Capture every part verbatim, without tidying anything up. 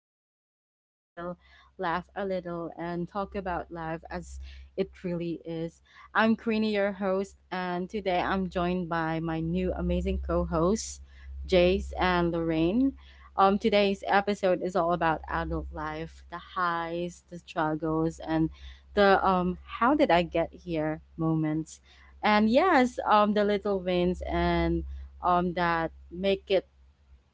place where we get real, laugh a little, and talk about life as it really is. I'm Queenie, your host, and today I'm joined by my new amazing co hosts, Jace and Lorraine. Um, today's episode is all about adult life, the highs, the struggles, and the um, how did I get here moments. And yes, um, the little wins and um, that make it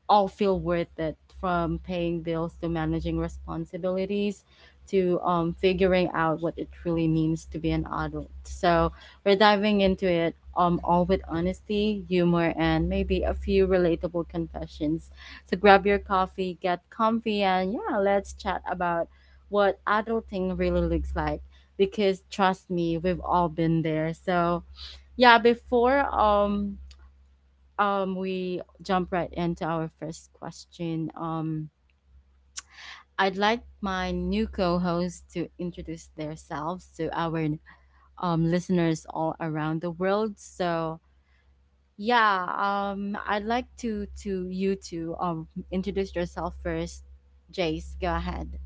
all feel worth it, from paying bills to managing responsibilities to um, figuring out what it really means to be an adult. So we're diving into it um, all with honesty, humor, and maybe a few relatable confessions. So grab your coffee, get comfy, and yeah, let's chat about what adulting really looks like, because trust me, we've all been there. So yeah, before um um we jump right into our first question. Um I'd like my new co-hosts to introduce themselves to our um listeners all around the world. So yeah, um I'd like to to you to um introduce yourself first. Jace, go ahead.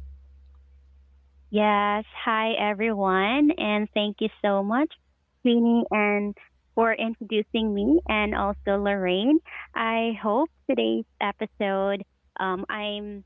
Yes. Hi, everyone. And thank you so much, Queenie, and for introducing me and also Lorraine. I hope today's episode, um, I'm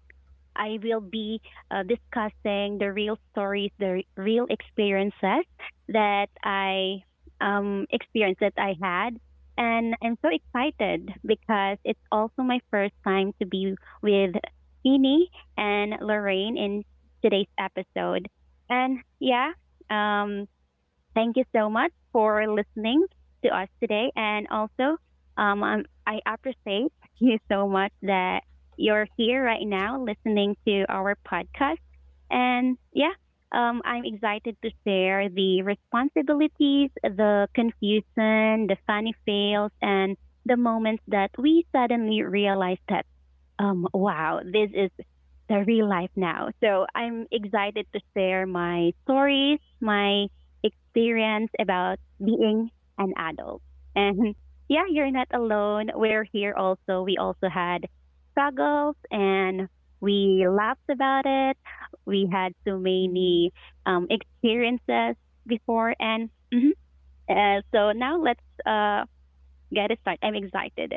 I will be uh, discussing the real stories, the real experiences that I um, experience that I had. And I'm so excited because it's also my first time to be with Fini and Lorraine in today's episode. And yeah, um, Thank you so much for listening to us today. And also, um, um, I appreciate you so much that you're here right now listening to our podcast. And yeah, um, I'm excited to share the responsibilities, the confusion, the funny fails, and the moments that we suddenly realized that um, wow, this is the real life now. So I'm excited to share my stories, my experience about being an adult. And yeah, you're not alone. We're here also. We also had struggles and we laughed about it. We had so Mhm. many um, experiences before. And mhm. uh, so now let's uh, get it started. I'm excited.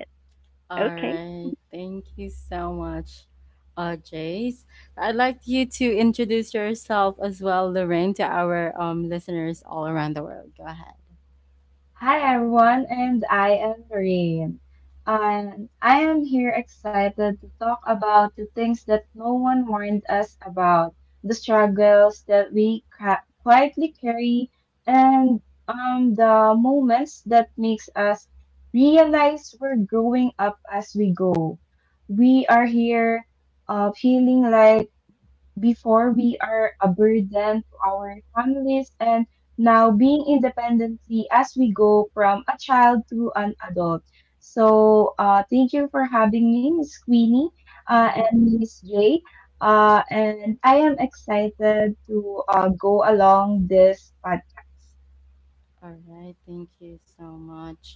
All Okay. right. Thank you so much. Uh, Jace, I'd like you to introduce yourself as well, Lorraine, to our um, listeners all around the world. Go ahead. Hi everyone, and I am Rain. And I am here excited to talk about the things that no one warned us about, the struggles that we ca- quietly carry, and um, the moments that makes us realize we're growing up as we go. We are here uh, feeling like before, we are a burden to our families, and now being independently as we go from a child to an adult. So, uh, thank you for having me, Miss Queenie uh, Mhm. and Miss Jay. Uh, and I am excited to uh, go along this podcast. All right, thank you so much,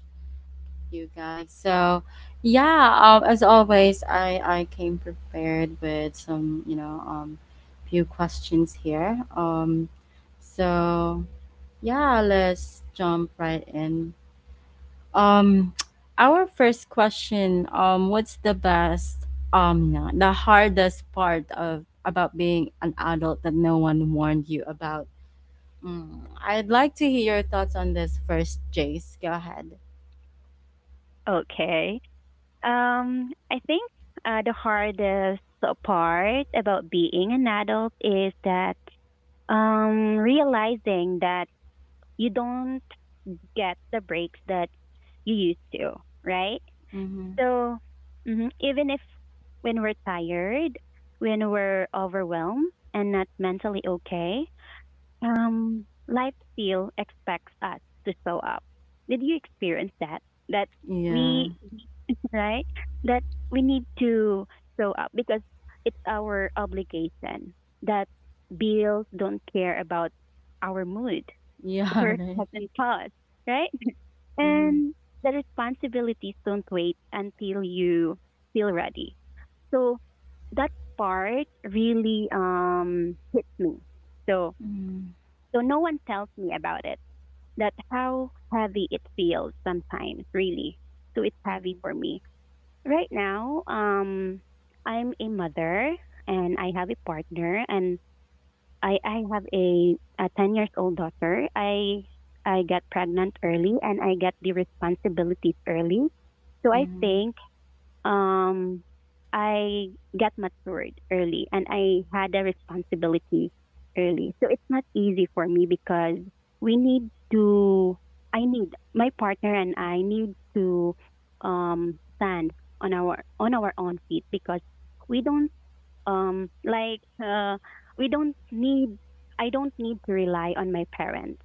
you guys. So, yeah, um, as always, I I came prepared with some, you know, um, few questions here. Um, so yeah, let's jump right in. Um, our first question. Um, what's the best? Um, yeah, the hardest part of about being an adult that no one warned you about. Mm, I'd like to hear your thoughts on this first, Jace. Go ahead. Okay. Um, I think uh, the hardest part about being an adult is that um, realizing that you don't get the breaks that you used to, right? Mm-hmm. So mhm, even if when we're tired, when we're overwhelmed and not mentally okay, um, life still expects us to show up. Did you experience that? That Yeah. we right? That we need to show up because it's our obligation, that bills don't care about our mood, Yeah, work right. doesn't pause, right? Mm-hmm. And the responsibilities don't wait until you feel ready. So that part really um hits me. So Mm-hmm. so no one tells me about it. That how heavy it feels sometimes, really. So it's Mm-hmm. heavy for me. Right now, um, I'm a mother and I have a partner, and I, I have a, a ten years old daughter. I I got pregnant early and I get the responsibilities early. So I think um, I got matured early and I had a responsibility early. So it's not easy for me because we need to, I need, my partner and I need to um, stand on our, on our own feet because we don't, um, like, uh, we don't need, I don't need to rely on my parents.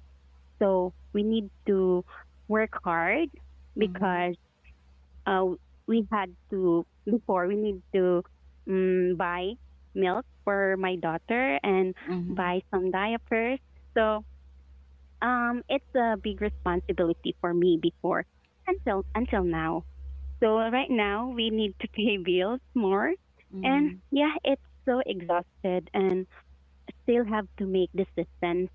So we need to work hard Mm-hmm. because uh, we had to before we need to um, buy milk for my daughter and Mm-hmm. buy some diapers. So um, it's a big responsibility for me before until until now. So right now we need to pay bills more, and Mm-hmm. yeah, it's so exhausted and still have to make decisions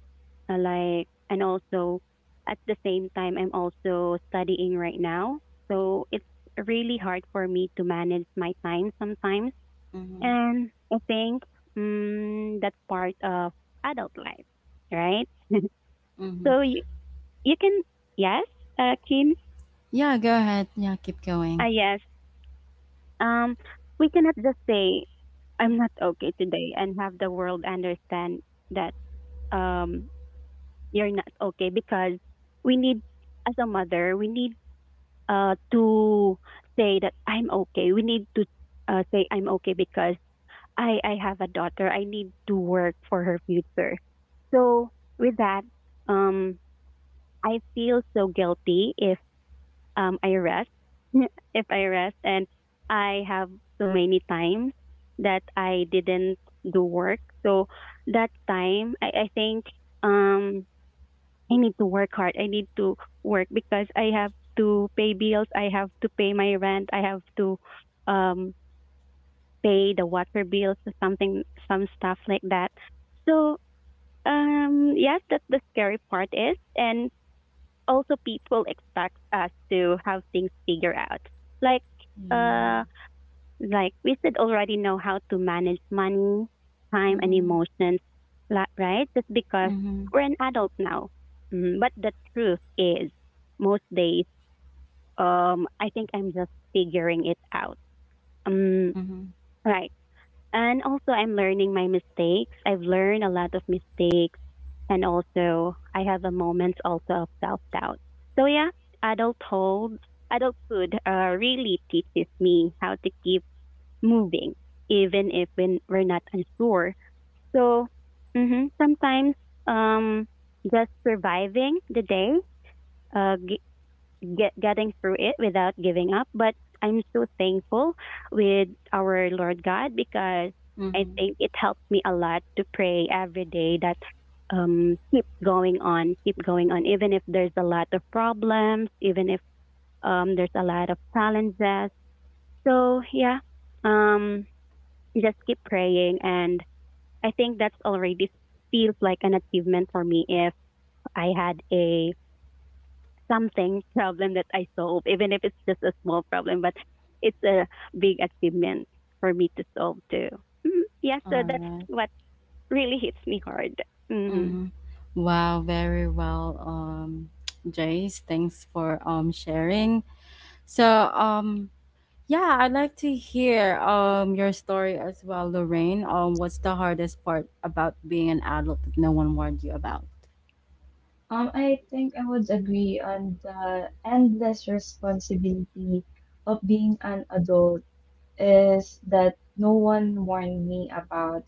uh, like and also at the same time I'm also studying right now. So it's really hard for me to manage my time sometimes. Mm-hmm. And I think mm, that's part of adult life, right? Mm-hmm. so you, you can yes, uh, Kim, Yeah, go ahead. Yeah, keep uh, going. yes. Um, we cannot just say I'm not okay today and have the world understand that um you're not okay because we need, as a mother, we need uh, to say that I'm okay. We need to uh, say I'm okay because I, I have a daughter. I need to work for her future. So with that, um, I feel so guilty if um, I rest. If I rest, and I have so many times that I didn't do work. So that time, I, I think um, I need to work hard. I need to work because I have to pay bills. I have to pay my rent. I have to um pay the water bills, something, some stuff like that. So um yes, that's the scary part, is, and also people expect us to have things figured out. Like Yeah. uh like we should already know how to manage money, time, and Mm-hmm. emotions, la- right? Just because Mm-hmm. we're an adult now. Mm, but the truth is, most days, um, I think I'm just figuring it out. Um, Mm-hmm. right. And also, I'm learning my mistakes. I've learned a lot of mistakes, and also I have a moments also of self doubt. So yeah, adulthood, adulthood, uh, really teaches me how to keep moving, even if when we're not unsure. So hmm sometimes um, just surviving the day, uh, g- get, getting through it without giving up. But I'm so thankful with our Lord God because I Mm-hmm. think it helps me a lot to pray every day, that um, keep going on, keep going on, even if there's a lot of problems, even if um, there's a lot of challenges. So yeah, um, you just keep praying, and I think that's already feels like an achievement for me if I had a something problem that I solve, even if it's just a small problem, but it's a big achievement for me to solve too. Mhm. Yeah, so All that's right. what really hits me hard. Mm-hmm. Mm-hmm. Wow, very well, um, Jace. Thanks for um sharing. So, um, yeah, I'd like to hear um your story as well, Lorraine. Um, what's the hardest part about being an adult that no one warned you about? Um, I think I would agree on the endless responsibility of being an adult is that no one warned me about.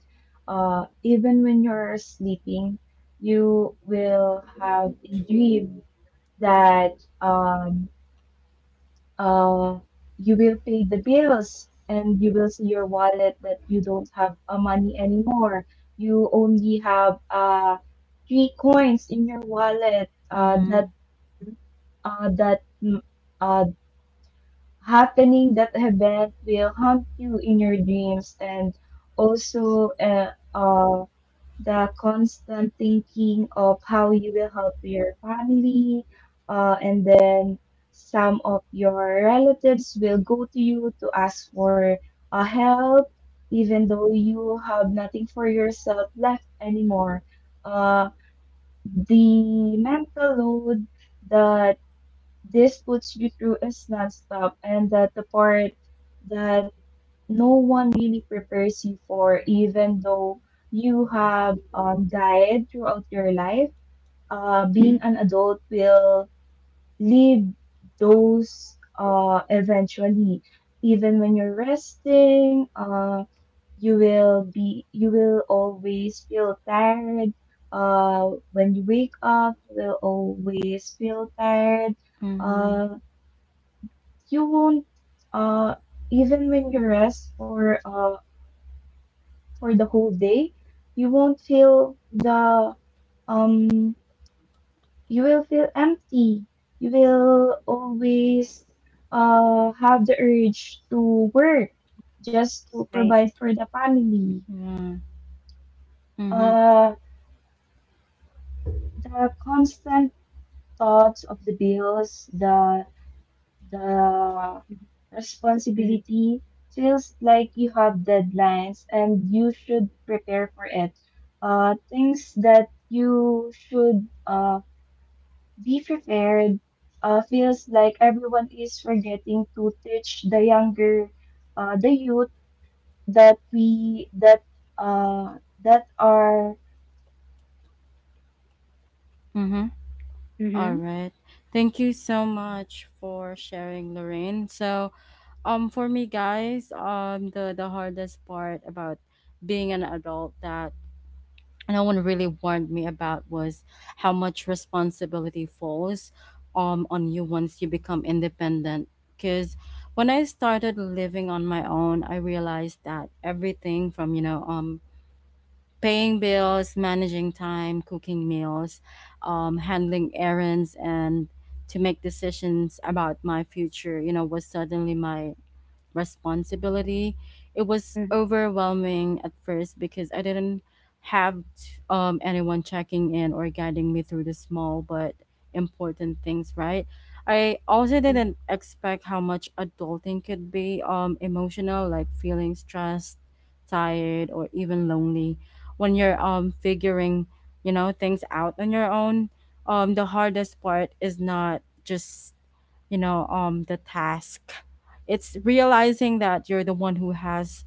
Uh, even when you're sleeping, you will have a dream that um, uh, you will pay the bills and you will see your wallet that you don't have uh, money anymore. You only have uh, three coins in your wallet uh, Mm-hmm. that uh, that mm, uh, happening that event will haunt you in your dreams and also uh, uh, the constant thinking of how you will help your family uh, and then some of your relatives will go to you to ask for uh, help even though you have nothing for yourself left anymore. uh, the mental load that this puts you through a nonstop, and that the part that no one really prepares you for, even though you have um, died throughout your life. Uh, being an adult will leave those uh, eventually. Even when you're resting, uh, you will be you will always feel tired. Uh, when you wake up, you will always feel tired. Mm-hmm. uh, you won't uh even when you rest for uh for the whole day you won't feel the um you will feel empty. You will always uh have the urge to work just to Right. provide for the family. Yeah. Mm-hmm. uh the constant thoughts of the bills, the the Mm-hmm. responsibility feels like you have deadlines and you should prepare for it. Uh, things that you should uh, be prepared uh, feels like everyone is forgetting to teach the younger, uh, the youth that we that uh, that are Mm-hmm. All Mm-hmm. right. Thank you so much for sharing, Lorraine. So, um, for me, guys, um, the the hardest part about being an adult that no one really warned me about was how much responsibility falls um, on you once you become independent. Because when I started living on my own, I realized that everything, from you know um paying bills, managing time, cooking meals, um, handling errands, and to make decisions about my future, you know, was suddenly my responsibility. It was Mm-hmm. overwhelming at first because I didn't have um, anyone checking in or guiding me through the small but important things, right? I also didn't expect how much adulting could be um, emotional, like feeling stressed, tired, or even lonely when you're um figuring you know things out on your own. Um the hardest part is not just you know um the task. It's realizing that you're the one who has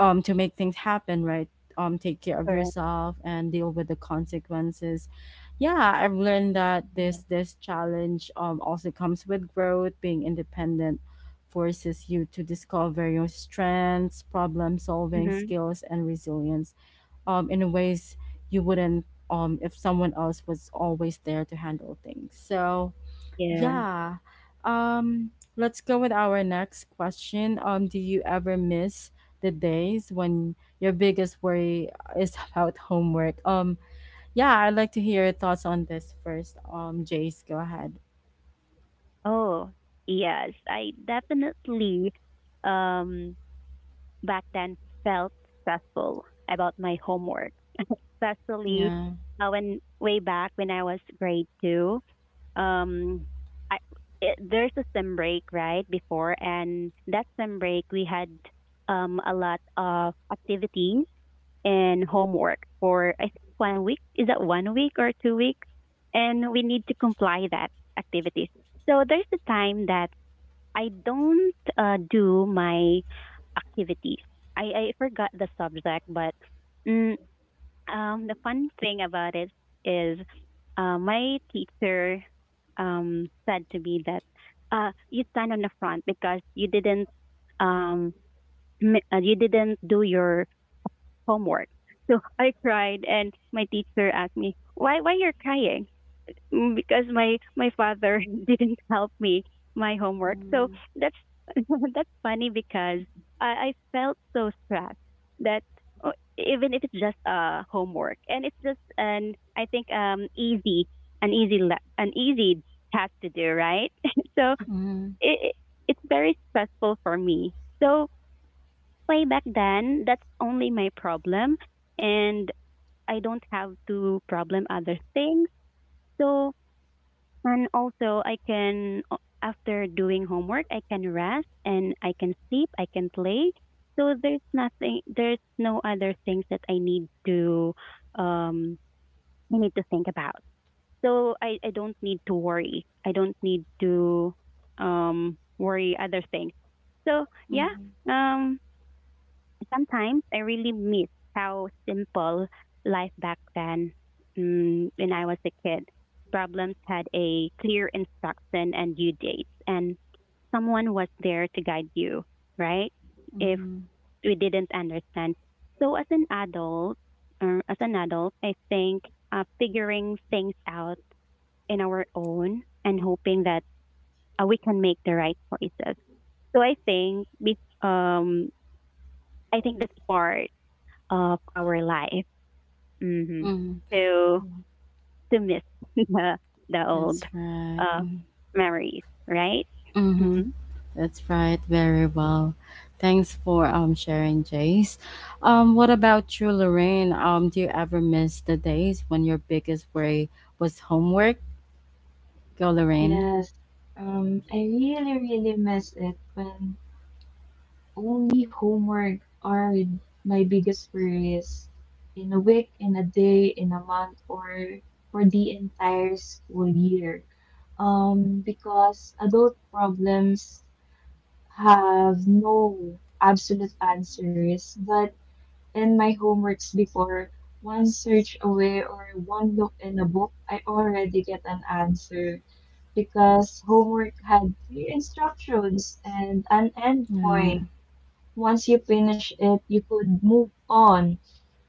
um to make things happen, right um take care of Correct. yourself and deal with the consequences. Yeah, I've learned that this yeah. this challenge um also comes with growth. Being independent forces you to discover your strengths, problem solving Mm-hmm. skills, and resilience um, in ways you wouldn't, um, if someone else was always there to handle things. So, Yes. yeah. Um, let's go with our next question. Um, do you ever miss the days when your biggest worry is about homework? Um, yeah, I'd like to hear your thoughts on this first. Um, Jace, go ahead. Oh, yes, I definitely, um back then felt stressful about my homework, especially Yeah. uh, when way back when I was grade two. Um, I, it, there's a sem break right before, and that sem break we had um, a lot of activities and homework for I think one week. Is that one week or two weeks? And we need to comply that activities. So there's a time that I don't uh, do my activities. I, I forgot the subject, but mm, um, the fun thing about it is uh, my teacher um, said to me that uh, you stand on the front because you didn't um, m- uh, you didn't do your homework. So I cried, and my teacher asked me, "Why? Why you're crying?" Mm, because my my father didn't help me my homework. So Mm-hmm. that's that's funny because I, I felt so stressed that uh, even if it's just uh homework and it's just an I think um easy, an easy le- an easy task to do, right. So Mm-hmm. it it- it's very stressful for me. So way back then, that's only my problem, and I don't have to problem other things. So and also, I can, o- after doing homework, I can rest and I can sleep, I can play. So there's nothing, there's no other things that I need to, um, I need to think about. So I, I don't need to worry. I don't need to, um, worry other things. So yeah, um, sometimes I really miss how simple life back then, mm, when I was a kid. Problems had a clear instruction and due dates, and someone was there to guide you, right? If Mm-hmm. we didn't understand. So as an adult, or as an adult, I think uh, figuring things out in our own and hoping that uh, we can make the right choices. So I think be- um, I think that's part of our life, hmm Mm-hmm. to to miss the the old That's right. uh, Mm-hmm. memories, right? Mm-hmm. Mm-hmm. That's right, very well. Thanks for um sharing, Jace. Um, what about you, Lorraine? Um, do you ever miss the days when your biggest worry was homework? Go, Lorraine. Yes. Um, I really really miss it when only homework are with my biggest worries in a week, in a day, in a month, or for the entire school year. Um, because adult problems have no absolute answers, but in my homeworks before, one search away or one look in a book, I already get an answer because homework had clear instructions and an Yeah. endpoint. Once you finish it, you could move on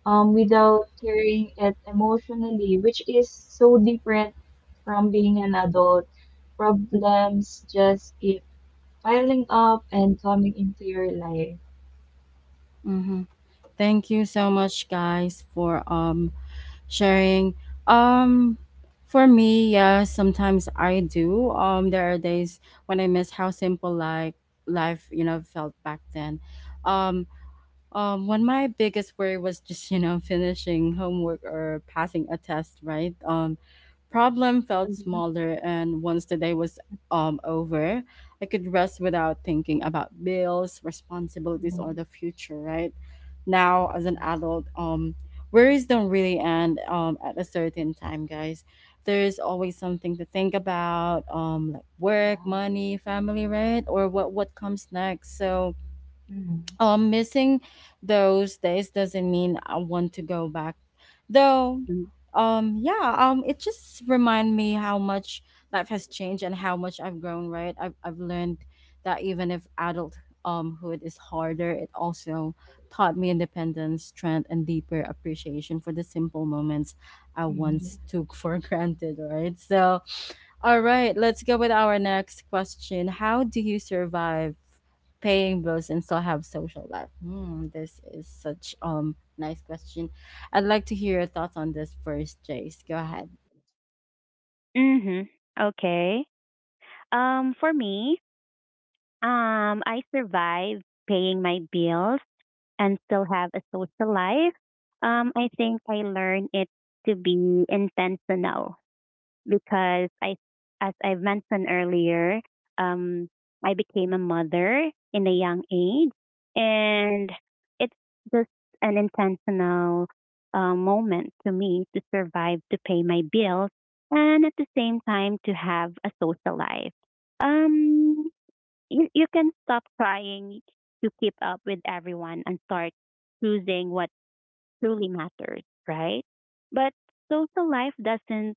um, without carrying it emotionally, which is so different from being an adult. Problems just keep piling up and coming into your life. Mm-hmm. Thank you so much, guys, for um sharing. Um, for me, yeah, sometimes I do. Um, there are days when I miss how simple, like life, you know, felt back then. Um, Um, when my biggest worry was just, you know, finishing homework or passing a test, right? Um, problem felt Mm-hmm. smaller, and once the day was um over, I could rest without thinking about bills, responsibilities, or Mm. the future, right? Now, as an Yes. adult, um, worries don't really end um at a certain time, guys. There is always something to think about, um, like work, Yeah. money, family, right, or what what comes next. So, Mm. um missing those days doesn't mean I want to go back. Though um yeah, um it just remind me how much life has changed and how much I've grown, right? I've I've learned that even if adult umhood is harder, it also taught me independence, strength, and deeper appreciation for the simple moments I Mm. Yeah. once took for granted, right? So all right, let's go with our next question. How do you survive paying bills and still have social life? Hmm, this is such um nice question. I'd like to hear your thoughts on this first, Jace. Go ahead. Mm-hmm. Okay. Um, for me, um, I survive paying my bills and still have a social life. Um, I think I learned it to be intentional because I, as I've mentioned earlier, um, I became a mother in a young age, and it's just an intentional uh, moment to me to survive, to pay my bills, and at the same time to have a social life. Um, you, you can stop trying to keep up with everyone and start choosing what truly matters, right? But social life doesn't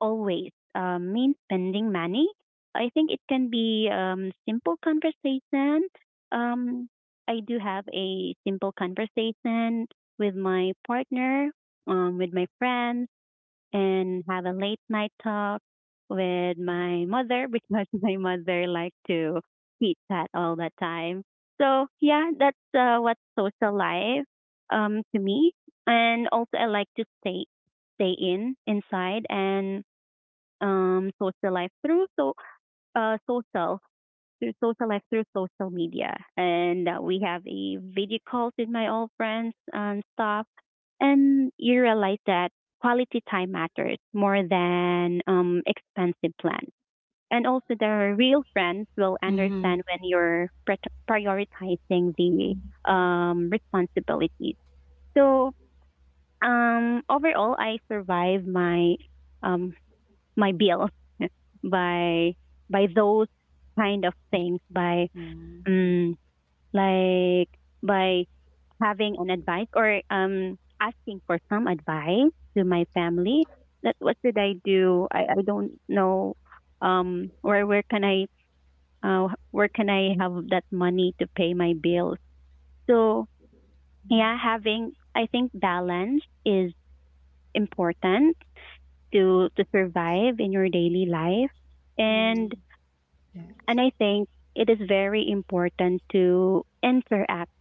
always uh, mean spending money. I think it can be um, simple conversation. Um, I do have a simple conversation with my partner, um, with my friends, and have a late night talk with my mother because my mother likes to eat that all the time. So yeah, that's uh, what social life um, to me. And also, I like to stay stay in inside and um, social life through so uh, social through social life through social media, and uh, we have a video calls with my old friends and stuff. And you realize that quality time matters more than um, expensive plans. And also, the real friends will Mm-hmm. understand when you're pret- prioritizing the Mm. um, responsibilities. So um, overall, I survived my um, my bill by by those kind of things by Yeah. um like by having an advice, or um asking for some advice to my family, that what should I do, I, I don't know um where where can I uh, where can I have that money to pay my bills. So yeah, having I think balance is important to to survive in your daily life. and Mm-hmm. Yes. And I think it is very important to interact,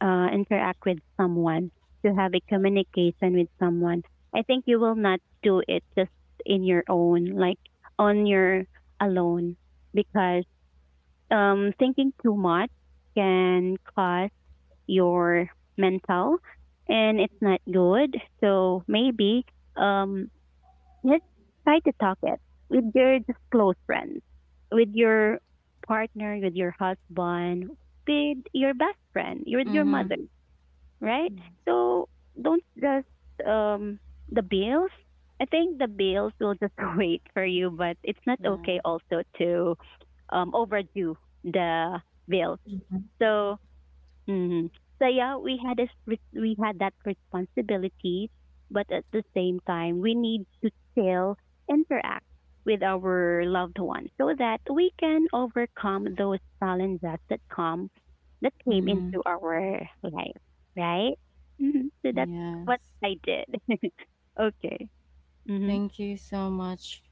uh, interact with someone, to have a communication with someone. I think you will not do it just in your own, like on your alone, because um, thinking too much can cause your mental, and it's not good. So maybe um, just try to talk it with your just close friends, with your partner, with your husband, with your best friend, with your Mm-hmm. mother, right? Yes. So don't just um the bills. I think the bills will just wait for you, but it's not Yeah. okay also to um overdo the bill. Mhm. So hmm So yeah, we had this re- we had that responsibility, but at the same time, we need to still interact with our loved ones so that we can overcome those challenges that come that came Mm-hmm. into our life, right? hmm So that's what Yes. I did. Okay. Mhm. Thank you so much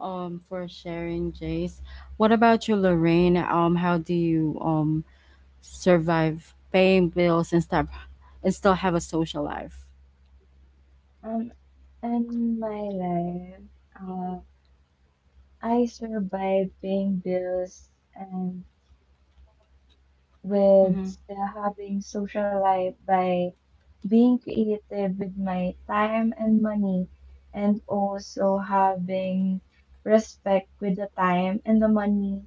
um for sharing, Jace. What about you, Lorraine? Um, how do you um survive paying bills and stuff and still have a social life? Um, in my life, uh, I survived paying bills and with Mm-hmm. uh, having social life by being creative with my time and money and also having respect with the time and the money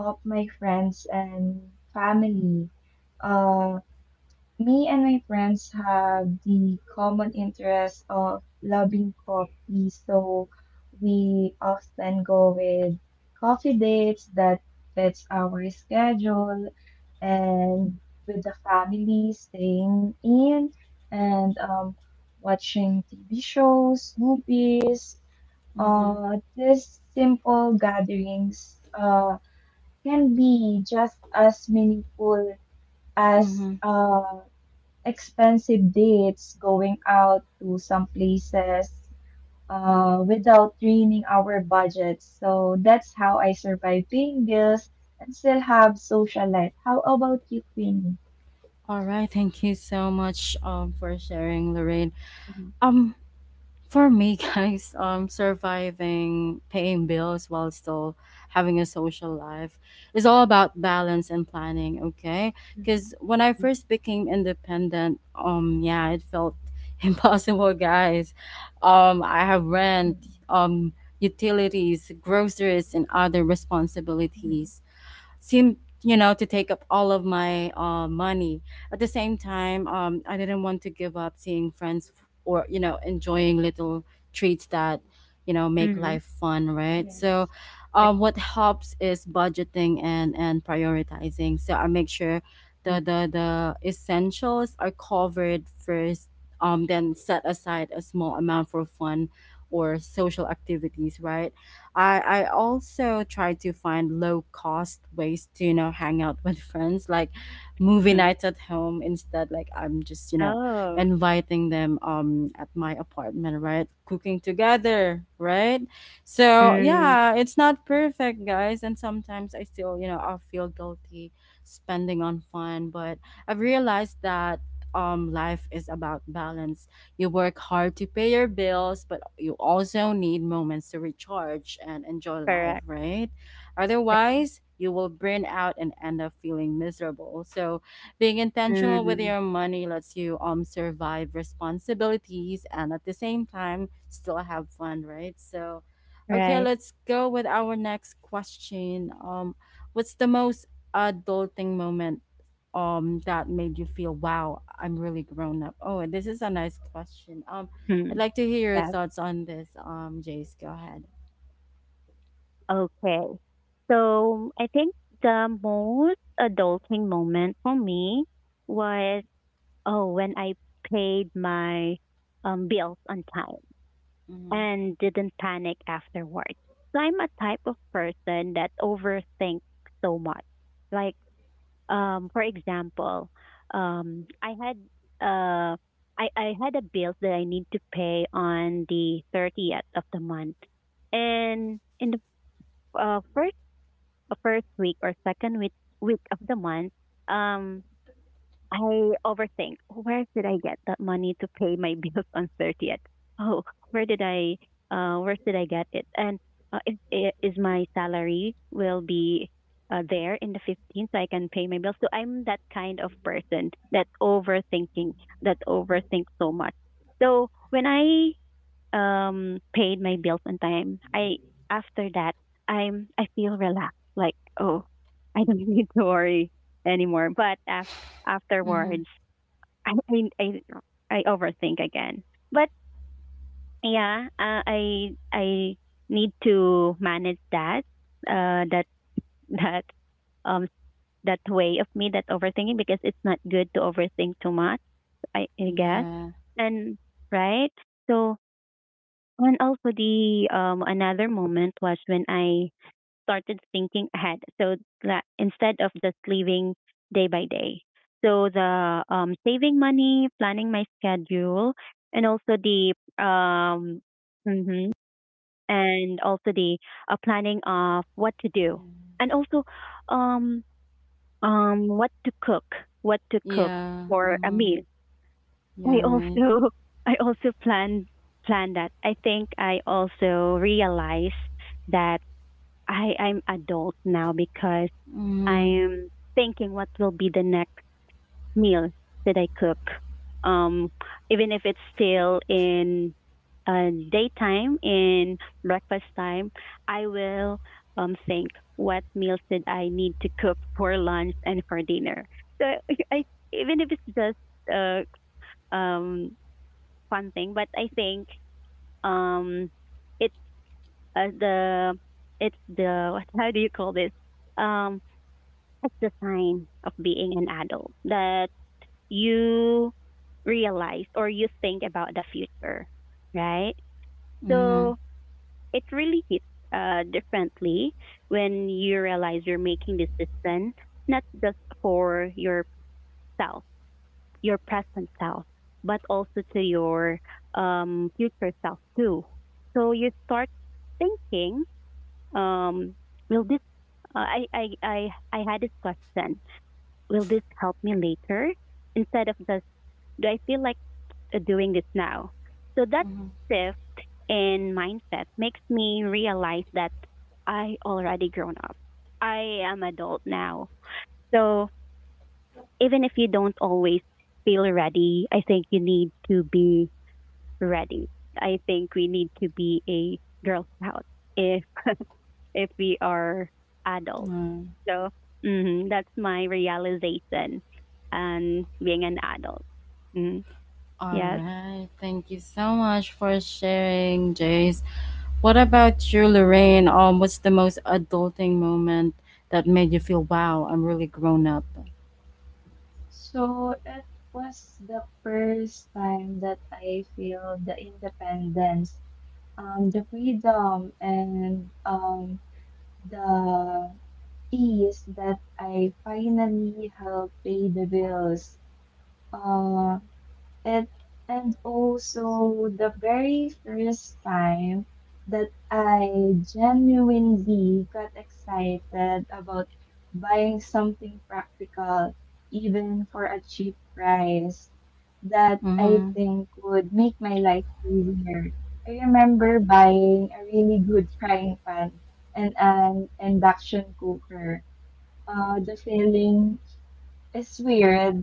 of my friends and family. Uh, me and my friends have the common interest of loving coffee, so we often go with coffee dates that fits our schedule and with the family staying in and um, watching T V shows, movies. Mm-hmm. Uh, these simple gatherings uh, can be just as meaningful as Mm-hmm. uh, expensive dates, going out to some places uh, without draining our budgets. So that's how I survive paying bills and still have social life. How about you, Queenie? All right. Thank you so much, um, for sharing, Lorraine. Mhm. Um, For me, guys, um, surviving, paying bills while still having a social life is all about balance and planning, okay? Because Mhm. when I first became independent, um, yeah, it felt impossible, guys. Um, I have rent, Mhm. um, utilities, groceries, and other Mhm. responsibilities seemed you know to take up all of my uh, money. At the same time, um, I didn't want to give up seeing friends, f- or you know enjoying little treats that you know make Mhm. life fun, right? So Yes. um, what helps is budgeting and and prioritizing. So I make sure Mhm. the the, the essentials are covered first. um, then set aside a small amount for fun or social activities, right? I I also try to find low cost ways to you know hang out with friends, like movie Mhm. nights at home instead. Like I'm just you know Oh. inviting them um at my apartment, right? Cooking together, right? So Mm, yeah, it's not perfect, guys, and sometimes I still you know I feel guilty spending on fun. But I've realized that um life is about balance. You work hard to pay your bills, but you also need moments to recharge and enjoy life, correct. right? Otherwise, you will burn out and end up feeling miserable. So, being intentional with Mm, your money lets you um survive responsibilities and at the same time still have fun, right? So, okay, right. let's go with our next question. Um, what's the most adulting moment um that made you feel, wow, I'm really grown up. Oh, and this is a nice question um i'd Mm, like to hear your yeah. thoughts on this. Um jace go ahead. Okay. So I think the most adulting moment for me was oh when I paid my um, bills on time Mm-hmm. and didn't panic afterwards. So I'm a type of person that overthinks so much. Like um for example, um I had uh I, I had a bill that I need to pay on the thirtieth of the month. And in the uh, first uh, first week or second week week of the month, um, I overthink. Where did I get that money to pay my bills on thirtieth? Oh, where did I? Uh, where did I get it? And uh, if, i- is my salary will be uh, there in the fifteenth, so I can pay my bills. So I'm that kind of person that overthinking, that overthink so much. So when I um paid my bills on time, I after that I'm I feel relaxed. Like oh, I don't need to worry anymore. But af- Mm-hmm. Afterwards, I mean I I overthink again. But yeah, uh, I I need to manage that uh that that um that way of me that overthinking because it's not good to overthink too much. I, I guess. Yeah. And right. So and also the um another moment was when I started thinking ahead. So that instead of just living day by day. So the um saving money, planning my schedule, and also the um mhm, and also the uh, planning of what to do. Yes. And also um um what to cook, what to cook Yeah. for a Mm-hmm. meal. Yeah. I Right. also I also plan plan that. I think I also realize that I I'm adult now because Mm-hmm. I'm thinking what will be the next meal that I cook. Um Even if it's still in uh, daytime, in breakfast time, I will um think what meals did I need to cook for lunch and for dinner. So I, even if it's just uh um fun thing, but I think um it's uh, the it's the what, how do you call this? Um it's the sign of being an adult that you realize or you think about the future, right? Mm-hmm. So it really hits uh differently when you realize you're making this decision not just for yourself, your present self, but also to your um, future self too. So you start thinking, um, will this? Uh, I, I I I had this question. Will this help me later? Instead of just, do I feel like uh, doing this now? So that Mm-hmm. shift in mindset makes me realize that I already grown up. I am adult now. So even if you don't always feel ready, I think you need to be ready. I think we need to be a girl scout if if we are adults. Yeah. So mhm, that's my realization and being an adult. Mhm. All Yes. right, thank you so much for sharing, Jace. What about you, Lorraine? Um what's the most adulting moment that made you feel, wow, I'm really grown up? So it was the first time that I feel the independence, um, the freedom, and um, the ease that I finally help pay the bills. Uh, and and also the very first time that I genuinely got excited about buying something practical, even for a cheap price, that I Mm-hmm. think would make my life easier. I remember buying a really good frying pan and an induction cooker. Uh, the feeling is weird,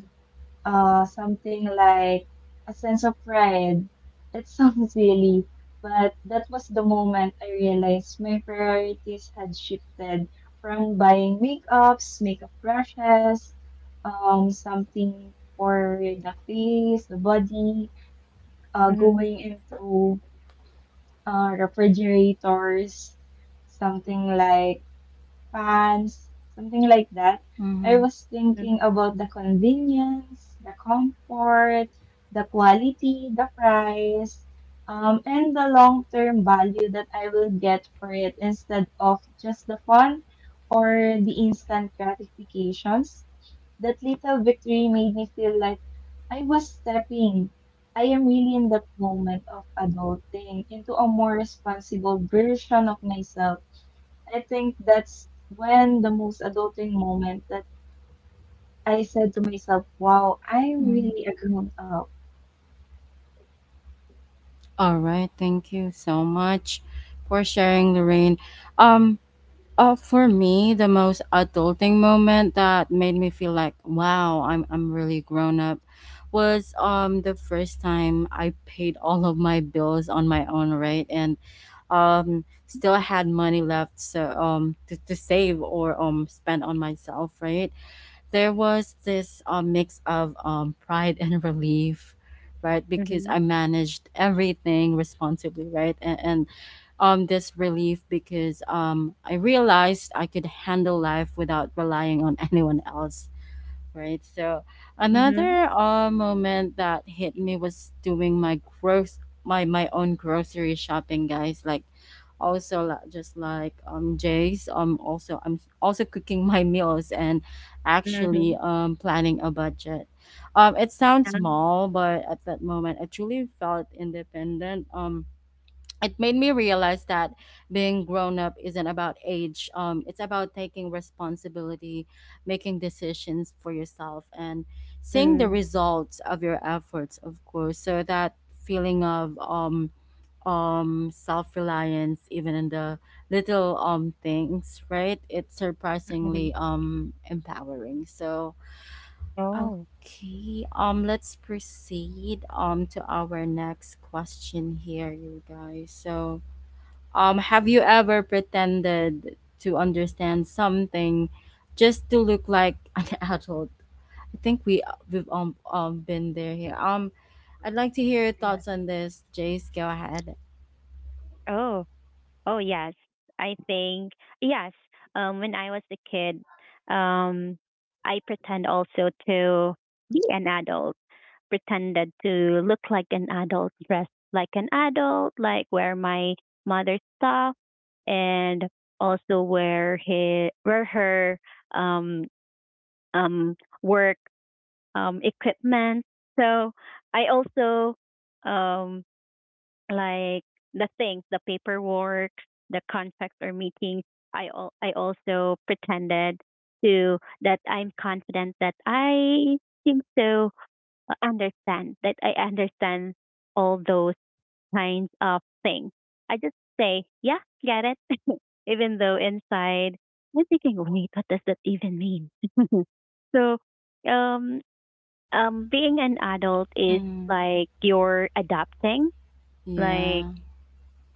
uh, something like a sense of pride. It sounds silly, but that was the moment I realized my priorities had shifted from buying makeups, makeup brushes, um, something for the face, the body, uh, Mhm. going into uh, refrigerators, something like fans, something like that. I Mm-hmm. was Mhm. thinking about the convenience, the comfort, the quality, the price, um, and the long term value that I will get for it instead of just the fun or the instant gratifications. That little victory made me feel like I was stepping. I am really in that moment of adulting into a more responsible version of myself. I think that's when the most adulting moment that I said to myself, wow, I'm really a grown up. All right, thank you so much for sharing, Lorraine. Um, uh, for me, the most adulting moment that made me feel like, wow, I'm I'm really grown up, was um the first time I paid all of my bills on my own, right, and um still had money left. So um to, to save or um spend on myself, right? There was this uh, mix of um, pride and relief, right? Because I managed everything responsibly, right? And, and um, this relief, because um, I realized I could handle life without relying on anyone else, right? So Mhm. another uh, moment that hit me was doing my gross my my own grocery shopping, guys. Like also, li- just like um Jay's, um also I'm also cooking my meals, and Mhm. actually Mhm. um planning a budget. Um, it sounds Yeah. small, but at that moment, I truly felt independent. Um, it made me realize that being grown up isn't about age. Um it's about taking responsibility, making decisions for yourself, and seeing the Mm. results of your efforts, of course. So that feeling of um um self-reliance, even in the little um things, right, it's Mhm. surprisingly um empowering. So Oh. okay, um let's proceed um to our next question here, you guys. So, um, have you ever pretended to understand something just to look like an adult? I think we we've um, um been there here. Um, I'd like to hear your thoughts Yes. on this, Jace. Go ahead. Oh. Oh yes, I think yes. Um, when I was a kid, um, I pretend also to be an adult. Pretended to look like an adult, dress like an adult, like wear my mother's stuff, and also wear his wear her um um work um equipment. So I also um like the things, the paperwork, the contracts or meetings, I al- I also pretended to, that I'm confident, that I seem to understand, that I understand all those kinds of things. I just say, yeah, get it, even though inside I'm thinking, wait, what does that even mean? So, um, um, being an adult is Mm-hmm. like you're adapting, like Yeah.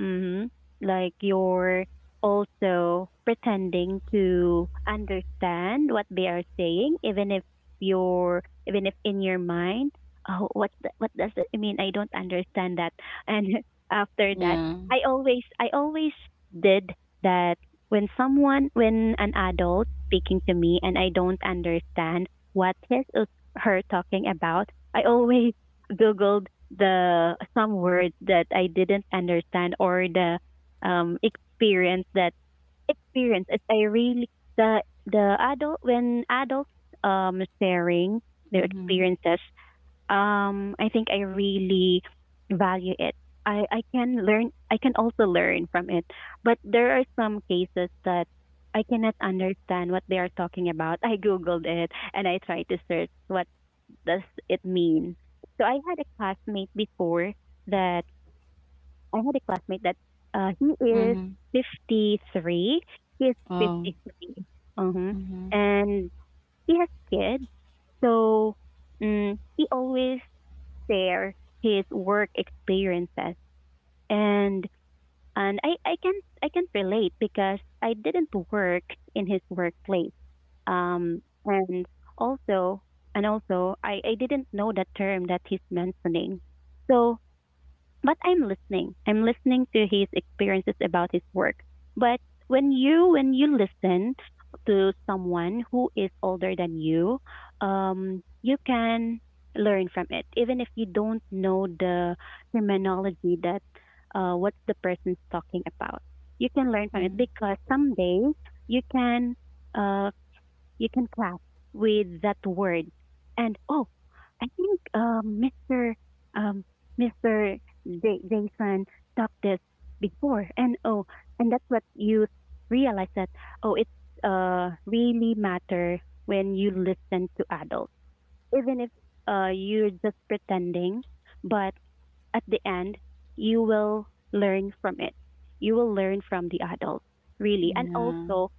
mm-hmm. Like you're also pretending to understand what they are saying, even if you're, even if in your mind, oh, what the, what does it mean? I don't understand that. And after that, Yeah. I always, I always did that when someone, when an adult speaking to me and I don't understand what his or her talking about, I always googled the some words that I didn't understand or the um experience that, experience is I really, the the adult when adults um sharing their Mm-hmm. experiences, um I think I really value it. I I can learn I can also learn from it. But there are some cases that I cannot understand what they are talking about. I googled it and I tried to search what does it mean? So I had a classmate before that I had a classmate that uh, he is Mm-hmm. fifty-three. He is Oh. fifty-three. Uh-huh. Mm-hmm. And he has kids. So mm he always share his work experiences. And and I, I can, I can't relate because I didn't work in his workplace. Um, and also, and also, I, I didn't know that term that he's mentioning. So, but I'm listening. I'm listening to his experiences about his work. But when you when you listen to someone who is older than you, um, you can learn from it, even if you don't know the terminology that uh, what the person's talking about. You can learn from it Mm. because someday you can uh, you can clap with that word. And oh, I think um, mister Um, mister Ja- Jason taught this before, and oh, and that's what you realize that oh, it uh really matter when you listen to adults, even if uh you're just pretending, but at the end you will learn from it. You will learn from the adults, really, and Yeah. also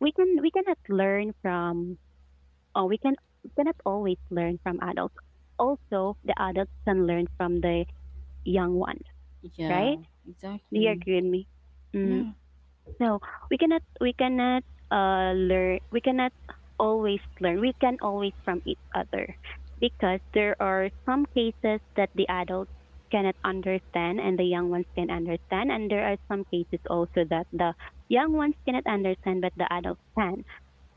we can we cannot learn from uh, we can we cannot always learn from adults. Also, the adults can learn from the young ones, Yeah. right? Do you Exactly. agree with me? Mm. Yeah. So we cannot we cannot uh learn, we cannot always learn. We can always from each other, because there are some cases that the adults cannot understand and the young ones can understand, and there are some cases also that the young ones cannot understand but the adults can.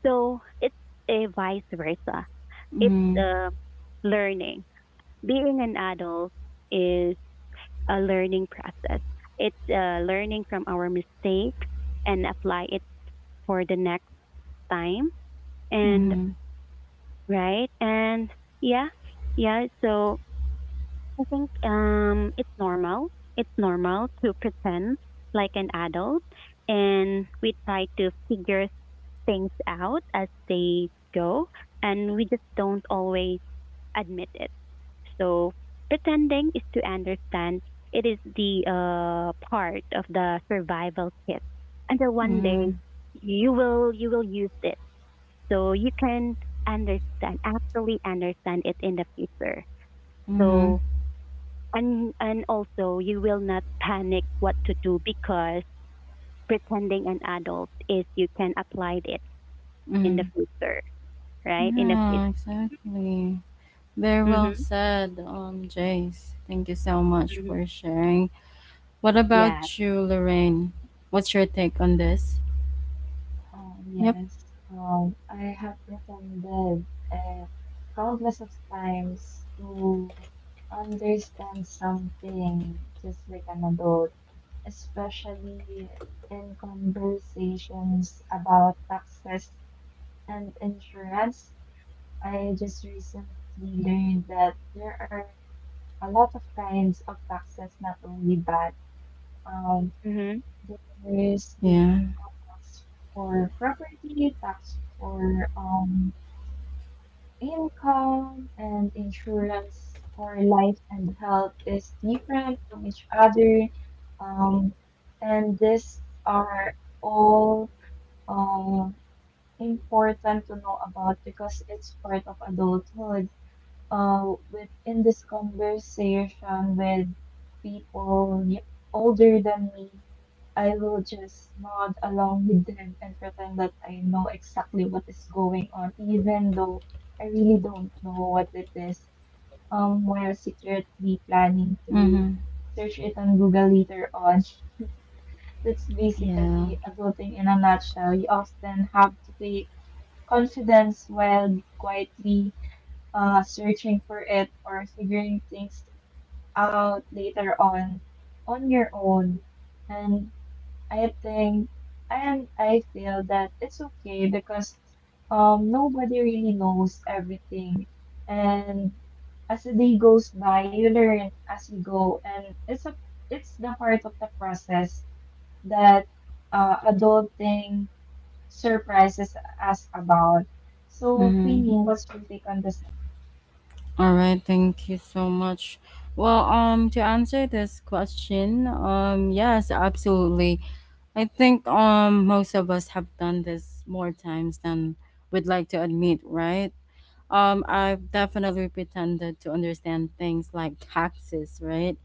So it's a vice versa, it's Mm-hmm. uh, learning. Being an adult is a learning process. It's uh, learning from our mistake and apply it for the next time. And Mm-hmm. right, and yeah, yeah. So I think um, it's normal. It's normal to pretend like an adult, and we try to figure things out as they go, and we just don't always admit it. So pretending is to understand. It is the uh, part of the survival kit. Until one Mm-hmm. day you will, you will use it, so you can understand, actually understand it in the future. Mm-hmm. So and and also you will not panic what to do because pretending an adult is you can apply it in the Mm-hmm. future, right? In the future. Yeah. Exactly. Very well Mhm. said, um, Jace. Thank you so much Mhm. for sharing. What Yeah. about you, Lorraine? What's your take on this? Um, Yep. yes. Um, I have pretended uh, countless of times to understand something just like an adult, especially in conversations about taxes and insurance. I just recently learned that there are a lot of kinds of taxes, not only but Um, Mhm. there is the Yeah. tax for property, tax for um, income, and insurance for life and health is different from each other. Um, and these are all um, important to know about because it's part of adulthood uh, within this conversation with people y- older than me, I will just nod along with them and pretend that I know exactly what is going on, even though I really don't know what it is. Um, while secretly planning to Mm-hmm. search it on Google later on. That's Yeah. basically adulting in a nutshell. You often have to play confidence while quietly uh, searching for it or figuring things out later on on your own. And I think and I feel that it's okay because um nobody really knows everything, and as the day goes by you learn as you go, and it's a it's the part of the process that uh, adulting surprises us about. So, Mm-hmm. Queenie, what's your take on this? All right. Thank you so much. Well, um, to answer this question, um, yes, absolutely. I think um most of us have done this more times than we'd like to admit, right? Um, I've definitely pretended to understand things like taxes, right?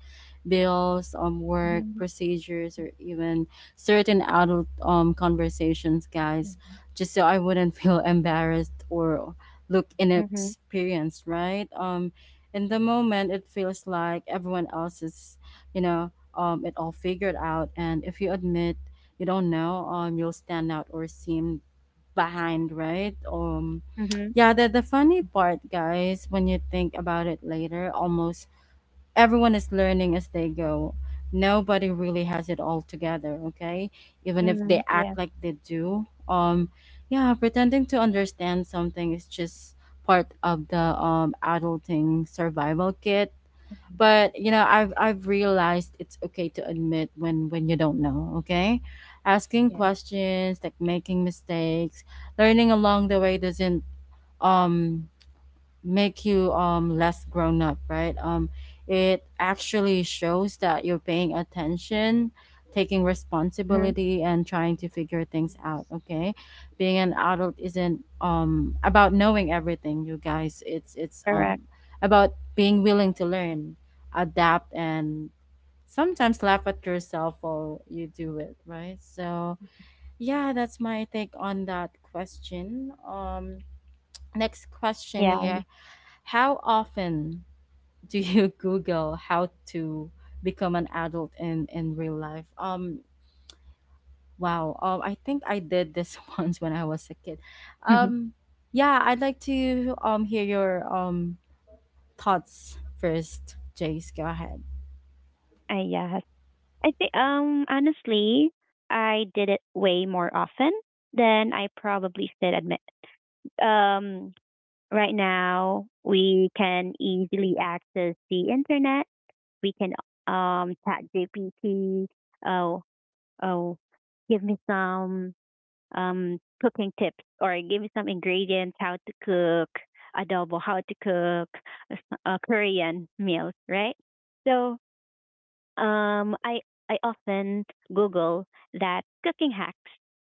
Bills, um, work Mhm. procedures, or even certain adult um conversations, guys, just so I wouldn't feel embarrassed or look Mhm. inexperienced, right? Um, in the Yeah. moment, it feels like everyone else is, you know, um, it all figured out, and if you admit you don't know, um, you'll stand out or seem behind, right? Um, Mhm. yeah, the, the funny part, guys, when you think about it later, almost everyone is learning as they go. Nobody really has it all together, okay? Even if they Mhm. Yeah. act like they do. Um, yeah, pretending to understand something is just part of the um adulting survival kit. But you know i've i've realized it's okay to admit when when you don't know, okay? Asking Yeah, questions, like making mistakes, learning along the way, doesn't um make you um less grown up, right? Um it actually shows that you're paying attention, taking Mm-hmm. responsibility, and trying to figure things out, yes. okay? Being an adult isn't um about knowing everything, you guys. it's it's Correct. um about being willing to learn, adapt, and sometimes laugh at yourself while you do it, right? So yeah, that's my take on that question. um next question Yeah. here. How often do you Google how to become an adult in in real life? Um, wow. Um, I think I did this once when I was a kid. Um, yeah, I'd like to um hear your um thoughts first. Jace, go ahead. I yes. I think um honestly, I did it way more often than I probably should admit. Um right now we can easily access the internet. We can um chat G P T. Oh, oh, give me some um cooking tips or give me some ingredients how to cook adobo, how to cook a, s- a Korean meals, right? So Um, I I often Google that cooking hacks,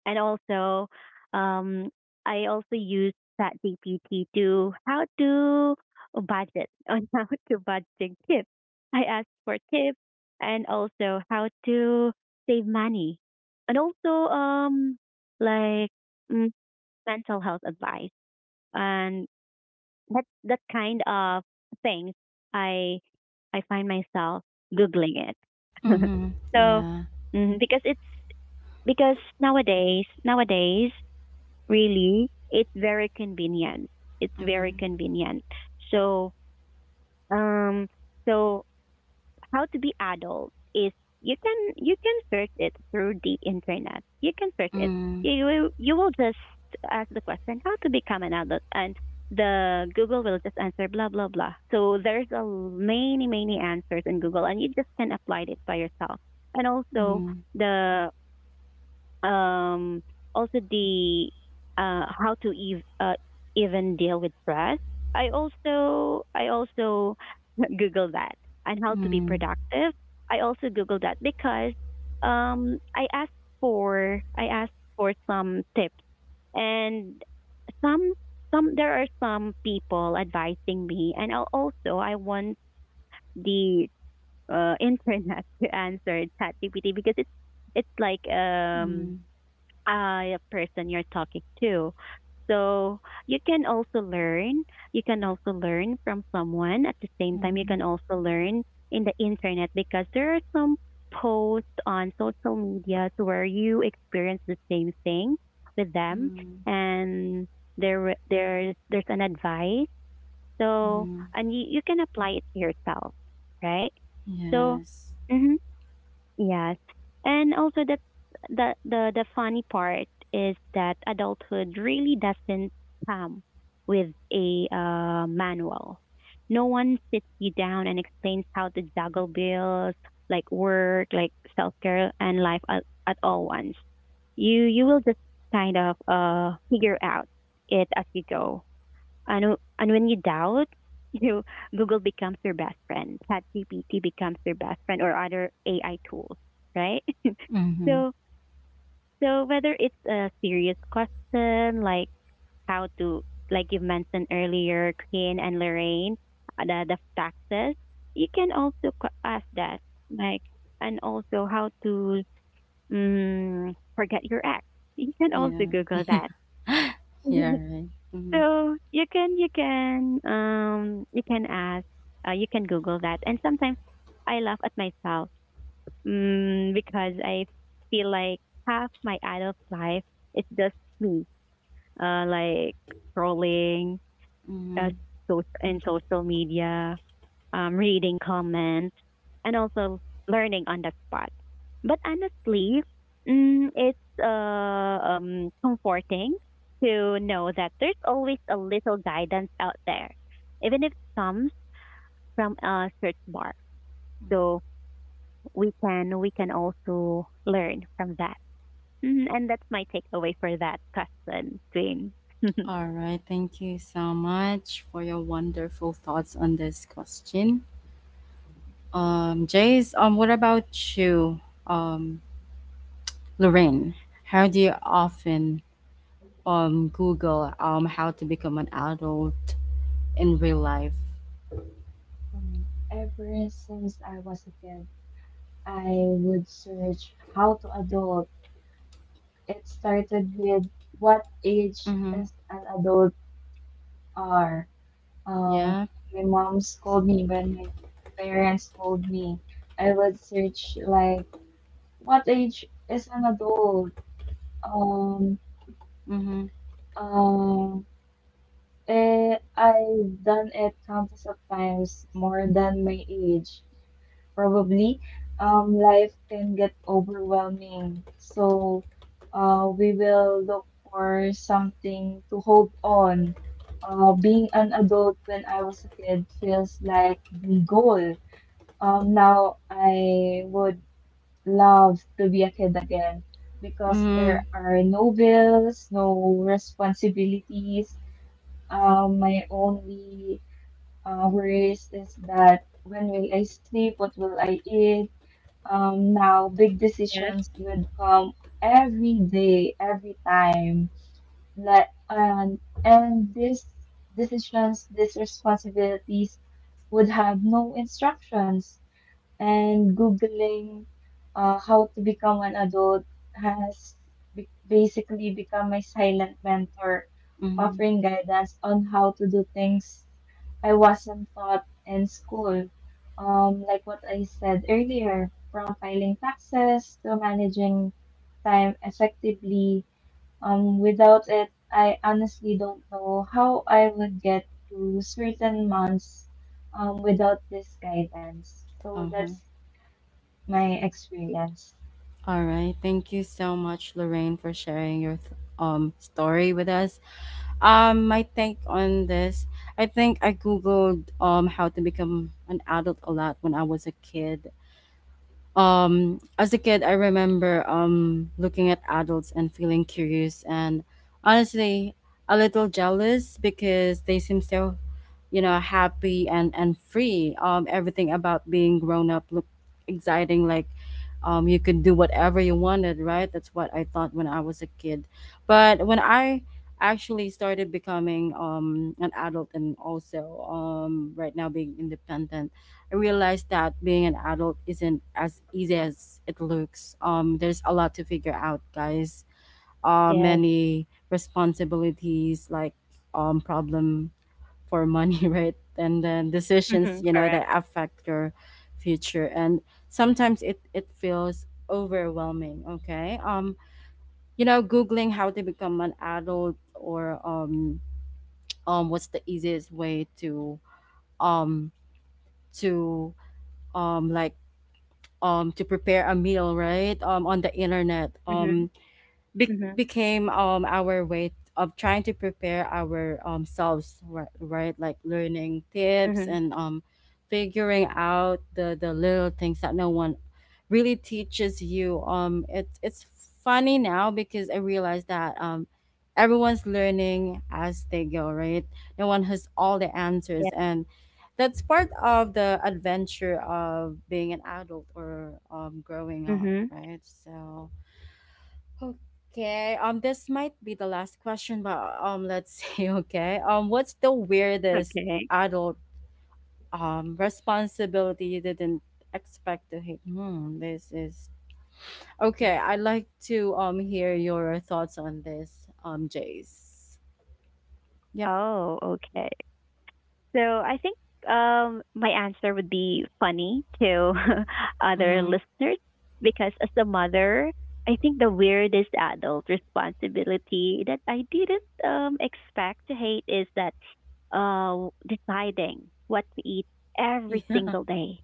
and also um, I also use ChatGPT to how to budget on how to budget tips. I ask for tips and also how to save money, and also um like mm, mental health advice and that that kind of things. i i find myself googling it. Mm-hmm. So Yeah. mm, because it's, because nowadays nowadays really it's very convenient, it's very Mm-hmm. convenient so um so how to be adult is you can, you can search it through the internet. You can search it. You will- you will just ask the question how to become an adult, and the Google will just answer blah blah blah. So there's a l- many many answers in Google, and you just can apply it by yourself. And also Mm-hmm. the um, also the uh, how to ev- uh, even deal with stress. I also I also Google that, and how to be Mm-hmm. productive. I also Google that because um, I asked for, I asked for some tips, and some some there are some people advising me, and I'll also I want the uh, internet to answer ChatGPT because it's it's like um Mm-hmm. uh, person you're talking to. So you can also learn. You can also learn from someone. At the same time, you Mm-hmm. can also learn in the internet because there are some posts on social media where you experience the same thing with them, Mm-hmm. and there there there's an advice. So, Mm-hmm. and you, you can apply it to yourself, right? So. Yes. Mhm. Yes. And also that the the the funny part is that adulthood really doesn't come with a uh, manual. No one sits you down and explains how to juggle bills, like work, like self-care and life at, at all once. You you will just kind of uh figure out it as you go. And, and when you doubt, you know, Google becomes your best friend. ChatGPT becomes your best friend or other A I tools, right? Mm-hmm. so so whether it's a serious question like how to, like you mentioned earlier, Clean and Lorraine, uh, the, the taxes, you can also q- ask that, like, and also how to um, forget your ex. You can also Yeah. Google that. Yeah. Right. Mm-hmm. So you can you can um you can ask, uh, you can Google that. And sometimes I laugh at myself, mm, because I feel like half my adult life is just me, uh like scrolling, uh Mm-hmm. so, in social media, um, reading comments, and also learning on the spot. But honestly, mm, it's uh, um, comforting to know that there's always a little guidance out there, even if it comes from a search bar. So we can we can also learn from that. Mm, and that's my takeaway for that question, Jane. All right, thank you so much for your wonderful thoughts on this question. Um, Jace, um, what about you, um, Lorraine? How do you often um Google um how to become an adult in real life? Um, ever since I was a kid, I would search how to adult. It started with what age Mm-hmm. is an adult are. Um, Yeah. my mom scolded me when my parents scolded me. I would search like what age is an adult. Um, Mm-hmm. um, eh, I've done it countless of times more than my age. Probably um, life can get overwhelming. So uh, we will look for something to hold on. Uh, being an adult when I was a kid feels like the goal. Um, now I would love to be a kid again because Mm-hmm. there are no bills, no responsibilities. Um, my only uh, worries is that when will I sleep? What will I eat? Um, now, big Yes. decisions would come every day, every time. Let and and These decisions, these responsibilities would have no instructions. And Googling uh, how to become an adult has be- basically become my silent mentor, Mm-hmm. offering guidance on how to do things I wasn't taught in school. Um, like what I said earlier, from filing taxes to managing time effectively. Um, without it, I honestly don't know how I would get to certain months um, without this guidance. So Uh-huh. that's my experience. All right, thank you so much, Lorraine, for sharing your th- um story with us. Um, my take on this, I think I googled um how to become an adult a lot when I was a kid. Um as a kid, I remember um looking at adults and feeling curious and, honestly, a little jealous because they seem so, you know happy and and free. Um everything about being grown up looked exciting, like, um you could do whatever you wanted, right? That's what I thought when I was a kid. But when I actually started becoming um an adult, and also um right now being independent, I realized that being an adult isn't as easy as it looks. Um, there's a lot to figure out, guys. Uh, Yes. many responsibilities, like, um, problem for money, right? And then decisions, Mm-hmm. you know, Correct. that affect your future. And sometimes it it feels overwhelming. Okay. Um, you know, googling how to become an adult or um um what's the easiest way to um to um like um to prepare a meal, right? Um on the internet Mm-hmm. um be- Mm-hmm. became um our way of trying to prepare our um selves, right? Right, like learning tips Mm-hmm. and um figuring out the the little things that no one really teaches you. Um it's it's funny now because I realize that um everyone's learning as they go, right? No one has all the Yeah. answers, and that's part of the adventure of being an adult or, um, growing up, Mm-hmm. right? So okay. Um, this might be the last question, but um, let's see. Okay. Um, what's the weirdest Okay. adult um responsibility you didn't expect to hit? Hmm. This is okay. I'd like to um hear your thoughts on this. Um, Jace. Yep. Oh, okay. So I think um, my answer would be funny to other Mm-hmm. listeners because, as a mother, I think the weirdest adult responsibility that I didn't um, expect to hate is that, uh, deciding what to eat every Yeah. single day.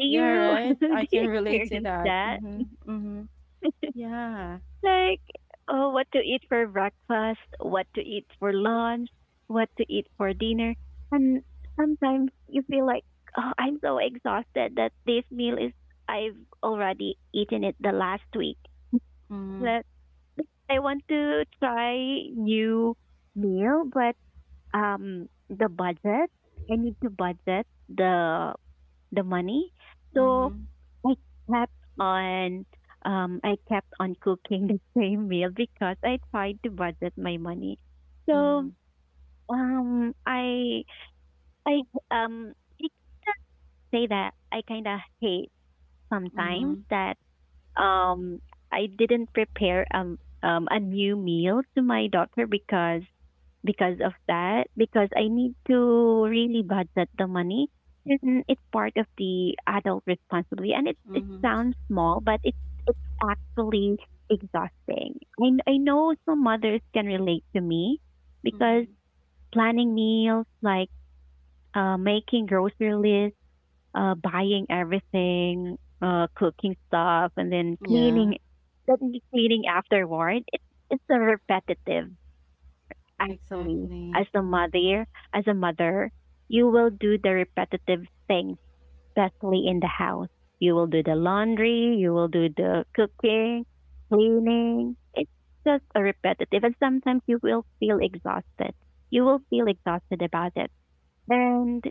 Do Yeah. you Right. I do can you relate to experience that. that? Mm-hmm. Mm-hmm. Yeah. Like, oh, what to eat for breakfast, what to eat for lunch, what to eat for dinner. And sometimes you feel like, oh, I'm so exhausted that this meal is, I've already eaten it the last week. Mm-hmm. But I want to try new meal, but um, the budget, I need to budget the the money. So Mm-hmm. I kept on um I kept on cooking the same meal because I tried to budget my money. Mm-hmm. So um I I um I kinda say that I kinda hate sometimes Mm-hmm. that, um I didn't prepare um um a new meal to my daughter because because of that, because I need to really budget the money. And it's part of the adult responsibility, and it it Mm-hmm. sounds small, but it's it's actually exhausting. I kn- I know some mothers can relate to me because Mm-hmm. planning meals, like uh, making grocery lists, uh, buying everything, uh, cooking stuff, and then Yeah. cleaning, then cleaning afterward. It, it's a repetitive, actually. as Exactly. a mother as a mother you will do the repetitive things, especially in the house. You will do the laundry, you will do the cooking, cleaning. It's just a repetitive, and sometimes you will feel exhausted. You will feel exhausted about it. and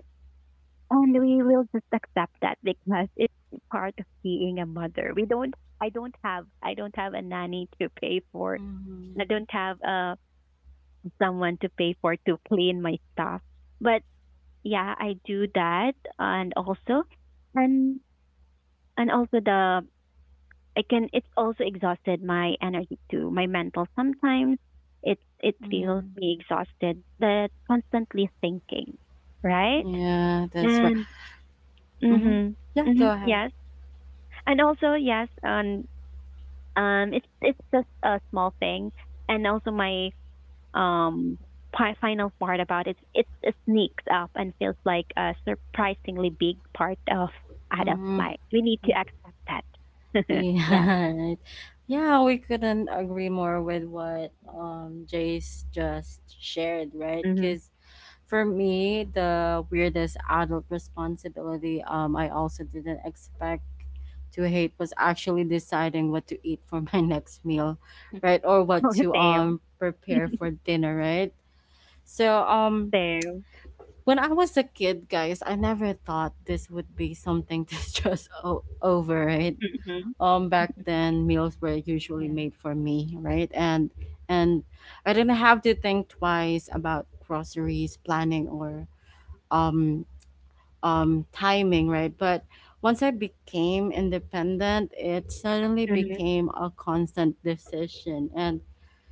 and we will just accept that because it's part of being a mother. We don't i don't have I don't have a nanny to pay for. I Mhm. don't have a someone to pay for to clean my stuff. But yeah, I do that. And also, and and also, the I can, it's also exhausted my energy too, my mental sometimes. it it feels Mm. me exhausted, that constantly thinking, right? Yeah, that's right. And Mhm. mhm. Yeah, Mhm. go ahead. Yes. And also yes, and um it's it's just a small thing. And also my um, part, final part about it, it, it sneaks up and feels like a surprisingly big part of adult Mm. life. We need to accept that. Yes. Yeah, right. Yeah, we couldn't agree more with what um Jace just shared, right? Mm-hmm. Because for me, the weirdest adult responsibility um I also didn't expect to hate was actually deciding what to eat for my next meal, right? Or Oh, what to same. um prepare for dinner, right? So, um Same. when I was a kid, guys, I never thought this would be something to stress o- over, right? Mm-hmm. Um, back then, meals were usually Yeah. made for me, right? And and I didn't have to think twice about groceries, planning, or um um timing, right? But once I became independent, it suddenly Mm-hmm. became a constant decision, and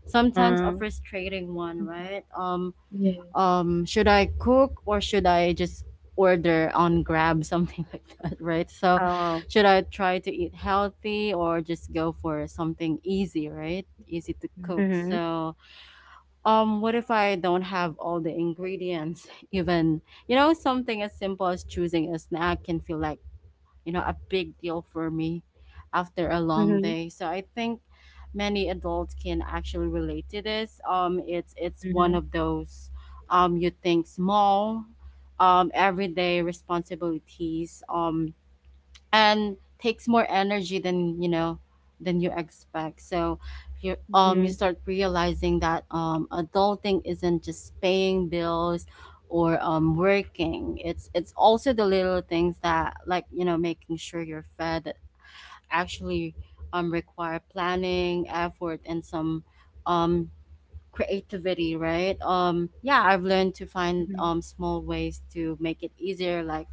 sometimes a Um, frustrating one, right? Um, Yes. um should I cook, or should I just order on Grab, something like that, right? So oh. should I try to eat healthy or just go for something easy, right? Easy to cook. Mhm. Mm-hmm. So um what if I don't have all the ingredients? Even, you know something as simple as choosing a snack can feel like, you know, a big deal for me after a long Mm-hmm. day. So I think many adults can actually relate to this. Um, it's it's Mm-hmm. one of those, um you think, small, um everyday responsibilities, um and takes more energy than you know than you expect. So you um you start realizing that um adulting isn't just paying bills or um working. It's it's also the little things that, like, you know making sure you're fed, that actually um require planning, effort, and some um creativity, right? Um yeah, I've learned to find Mm-hmm. um small ways to make it easier, like,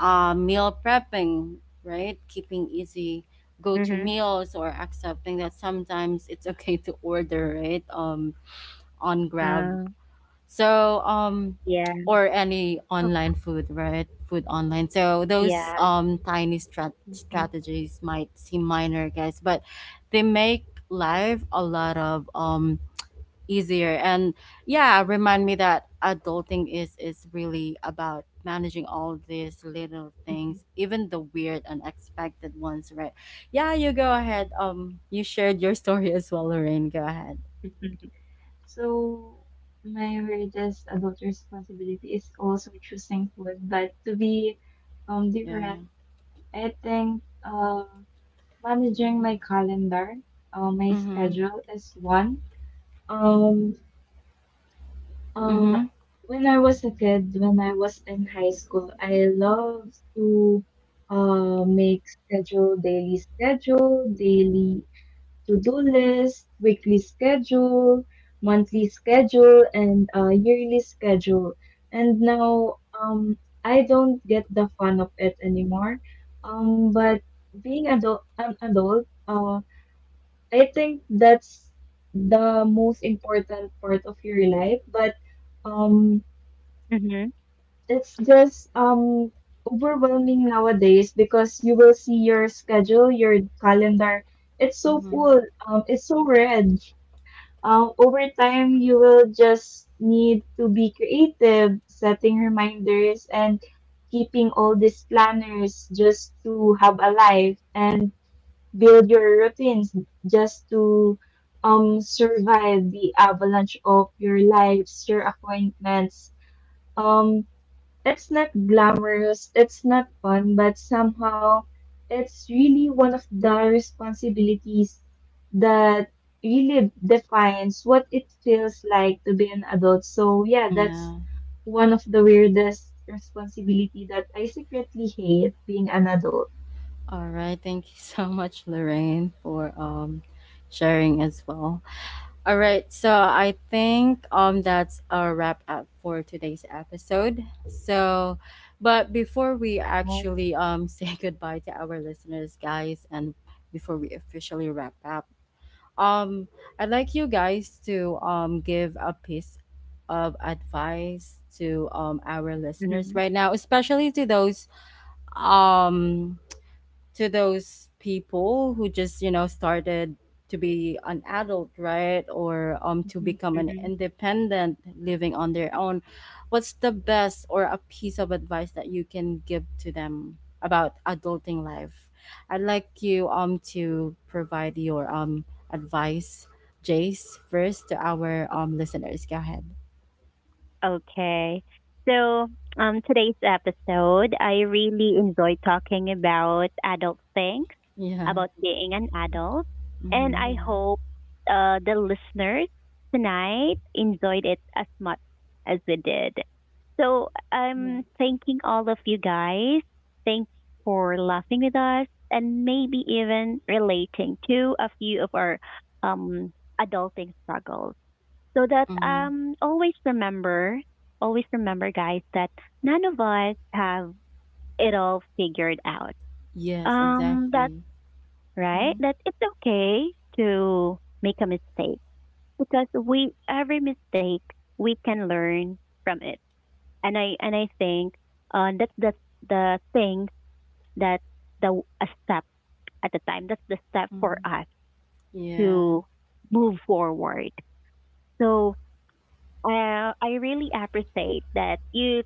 uh, meal prepping, right? Keeping easy go-to Mm-hmm. meals or accepting that sometimes it's okay to order, right? Um, on Grab. Uh, So, um, yeah. or any Oh, online food, right? Food online. So those yeah. um tiny strat- Mhm. strategies might seem minor, guys, but they make life a lot of um easier, and yeah, remind me that adulting is is really about managing all these little things, even the weird unexpected ones, right? Yeah, you go ahead. Um you shared your story as well, Lorraine. Go ahead. Mhm. Mm-hmm. So my greatest adult responsibility is also choosing food, but to be um Yeah. different, I think um managing my calendar, uh, my Mm-hmm. schedule is one. Um, uh, Mm-hmm. when I was a kid, when I was in high school, I loved to uh make schedule daily schedule daily to-do list, weekly schedule, monthly schedule, and uh, yearly schedule. And now um, I don't get the fun of it anymore. Um, but being adult, an adult, uh, I think that's the most important part of your life. But um, Mm-hmm. it's just um, overwhelming nowadays because you will see your schedule, your calendar. It's so Mm-hmm. full. Um, it's so red. Um, over time, you will just need to be creative, setting reminders, and keeping all these planners just to have a life and build your routines just to um, survive the avalanche of your lives, your appointments. Um, It's not glamorous, it's not fun, but somehow it's really one of the responsibilities that really defines what it feels like to be an adult. So yeah, that's Yeah. one of the weirdest responsibility that I secretly hate being an adult. All right, thank you so much, Lorraine, for um sharing as well. All right, so I think um that's a wrap up for today's episode. So, but before we actually um say goodbye to our listeners, guys, and before we officially wrap up, um I'd like you guys to um give a piece of advice to um our listeners Mm-hmm. right now, especially to those um to those people who just you know started to be an adult, right? Or um to Mhm. become an Mm-hmm. independent living on their own. What's the best, or a piece of advice that you can give to them about adulting life? I'd like you um to provide your um advice. Jace first to our um listeners. Go ahead. Okay. So, um, today's episode, I really enjoy talking about adult things, Yeah. about being an adult. And Mm-hmm. I Yeah, hope uh, the listeners tonight enjoyed it as much as we did. So, yeah. I'm thanking all of you guys. Thanks for laughing with us and maybe even relating to a few of our um, adulting struggles. So that Mm-hmm. um always remember, always remember guys that none of us have it all figured out. Yes, Um that's exactly. right. Mm-hmm. That it's okay to make a mistake, because we, every mistake we can learn from it. And I and I think uh that's that's the thing, that the a step at the time. That's the step for Mm-hmm. us Yeah. to move forward. So uh, I really appreciate that you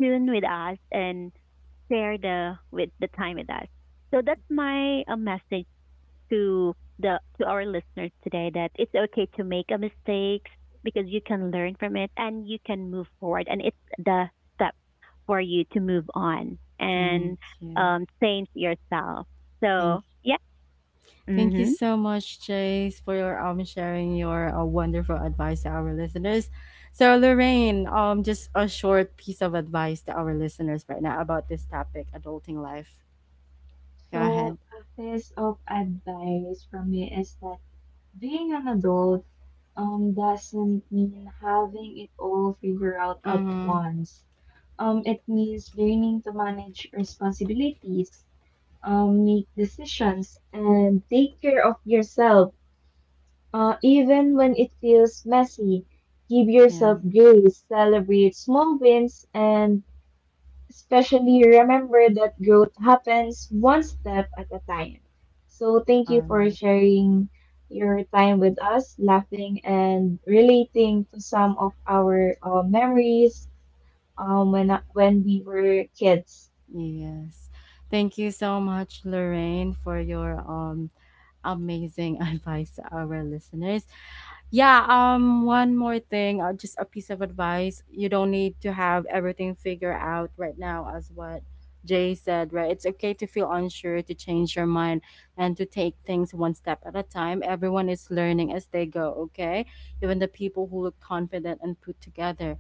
tune with us and share the with the time with us. So that's my uh, message to the, to our listeners today, that it's okay to make a mistakes because you can learn from it and you can move forward, and it's the step for you to move on Thank and you. um, change yourself. Thank So yeah, thank you mm-hmm. so much, Chase, for your um sharing your uh, wonderful advice to our listeners. So Lorraine, um, just a short piece of advice to our listeners right now about this topic, adulting life. Go So ahead. a piece of advice from me is that being an adult um, doesn't mean having it all figured out at Mm-hmm. once. Um, it means learning to manage responsibilities, um, make decisions, and take care of yourself. Uh, even when it feels messy, give yourself Yeah. grace, celebrate small wins, and especially remember that growth happens one step at a time. So thank you All for right. sharing your time with us, laughing and relating to some of our uh, memories, um, when when we were kids. Yes. Thank you so much, Lorraine, for your um amazing advice to our listeners. Yeah, um, one more thing, uh, just a piece of advice. You don't need to have everything figured out right now, as what Jay said, right? It's okay to feel unsure, to change your mind, and to take things one step at a time. Everyone is learning as they go, okay? Even the people who look confident and put together.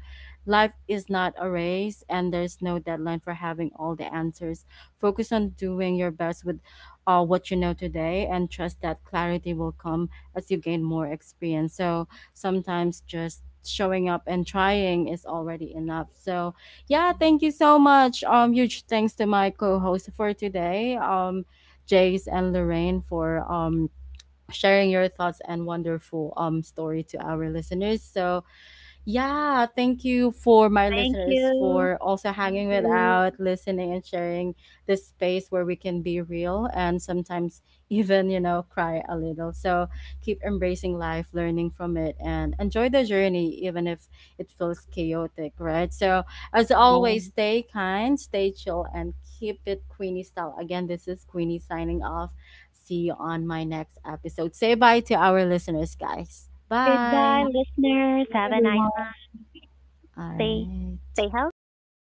Life is not a race, and there's no deadline for having all the answers. Focus on doing your best with uh, what you know today, and trust that clarity will come as you gain more experience. So sometimes just showing up and trying is already enough. So yeah, thank you so much. Um, huge thanks to my co-host for today, um, Jace and Lorraine, for um sharing your thoughts and wonderful um story to our listeners. So yeah, thank you for my Thank listeners you. for also hanging Thank with you. out, listening, and sharing this space where we can be real and sometimes even, you know, cry a little. So keep embracing life, learning from it, and enjoy the journey even if it feels chaotic, right? So as always, Yes. stay kind, stay chill, and keep it Queenie style. Again, this is Queenie signing off. See you on my next episode. Say bye to our listeners, guys. Goodbye, Bye Bye. listeners. Have a nice everyone. night. All Stay right. Stay healthy. Goodbye.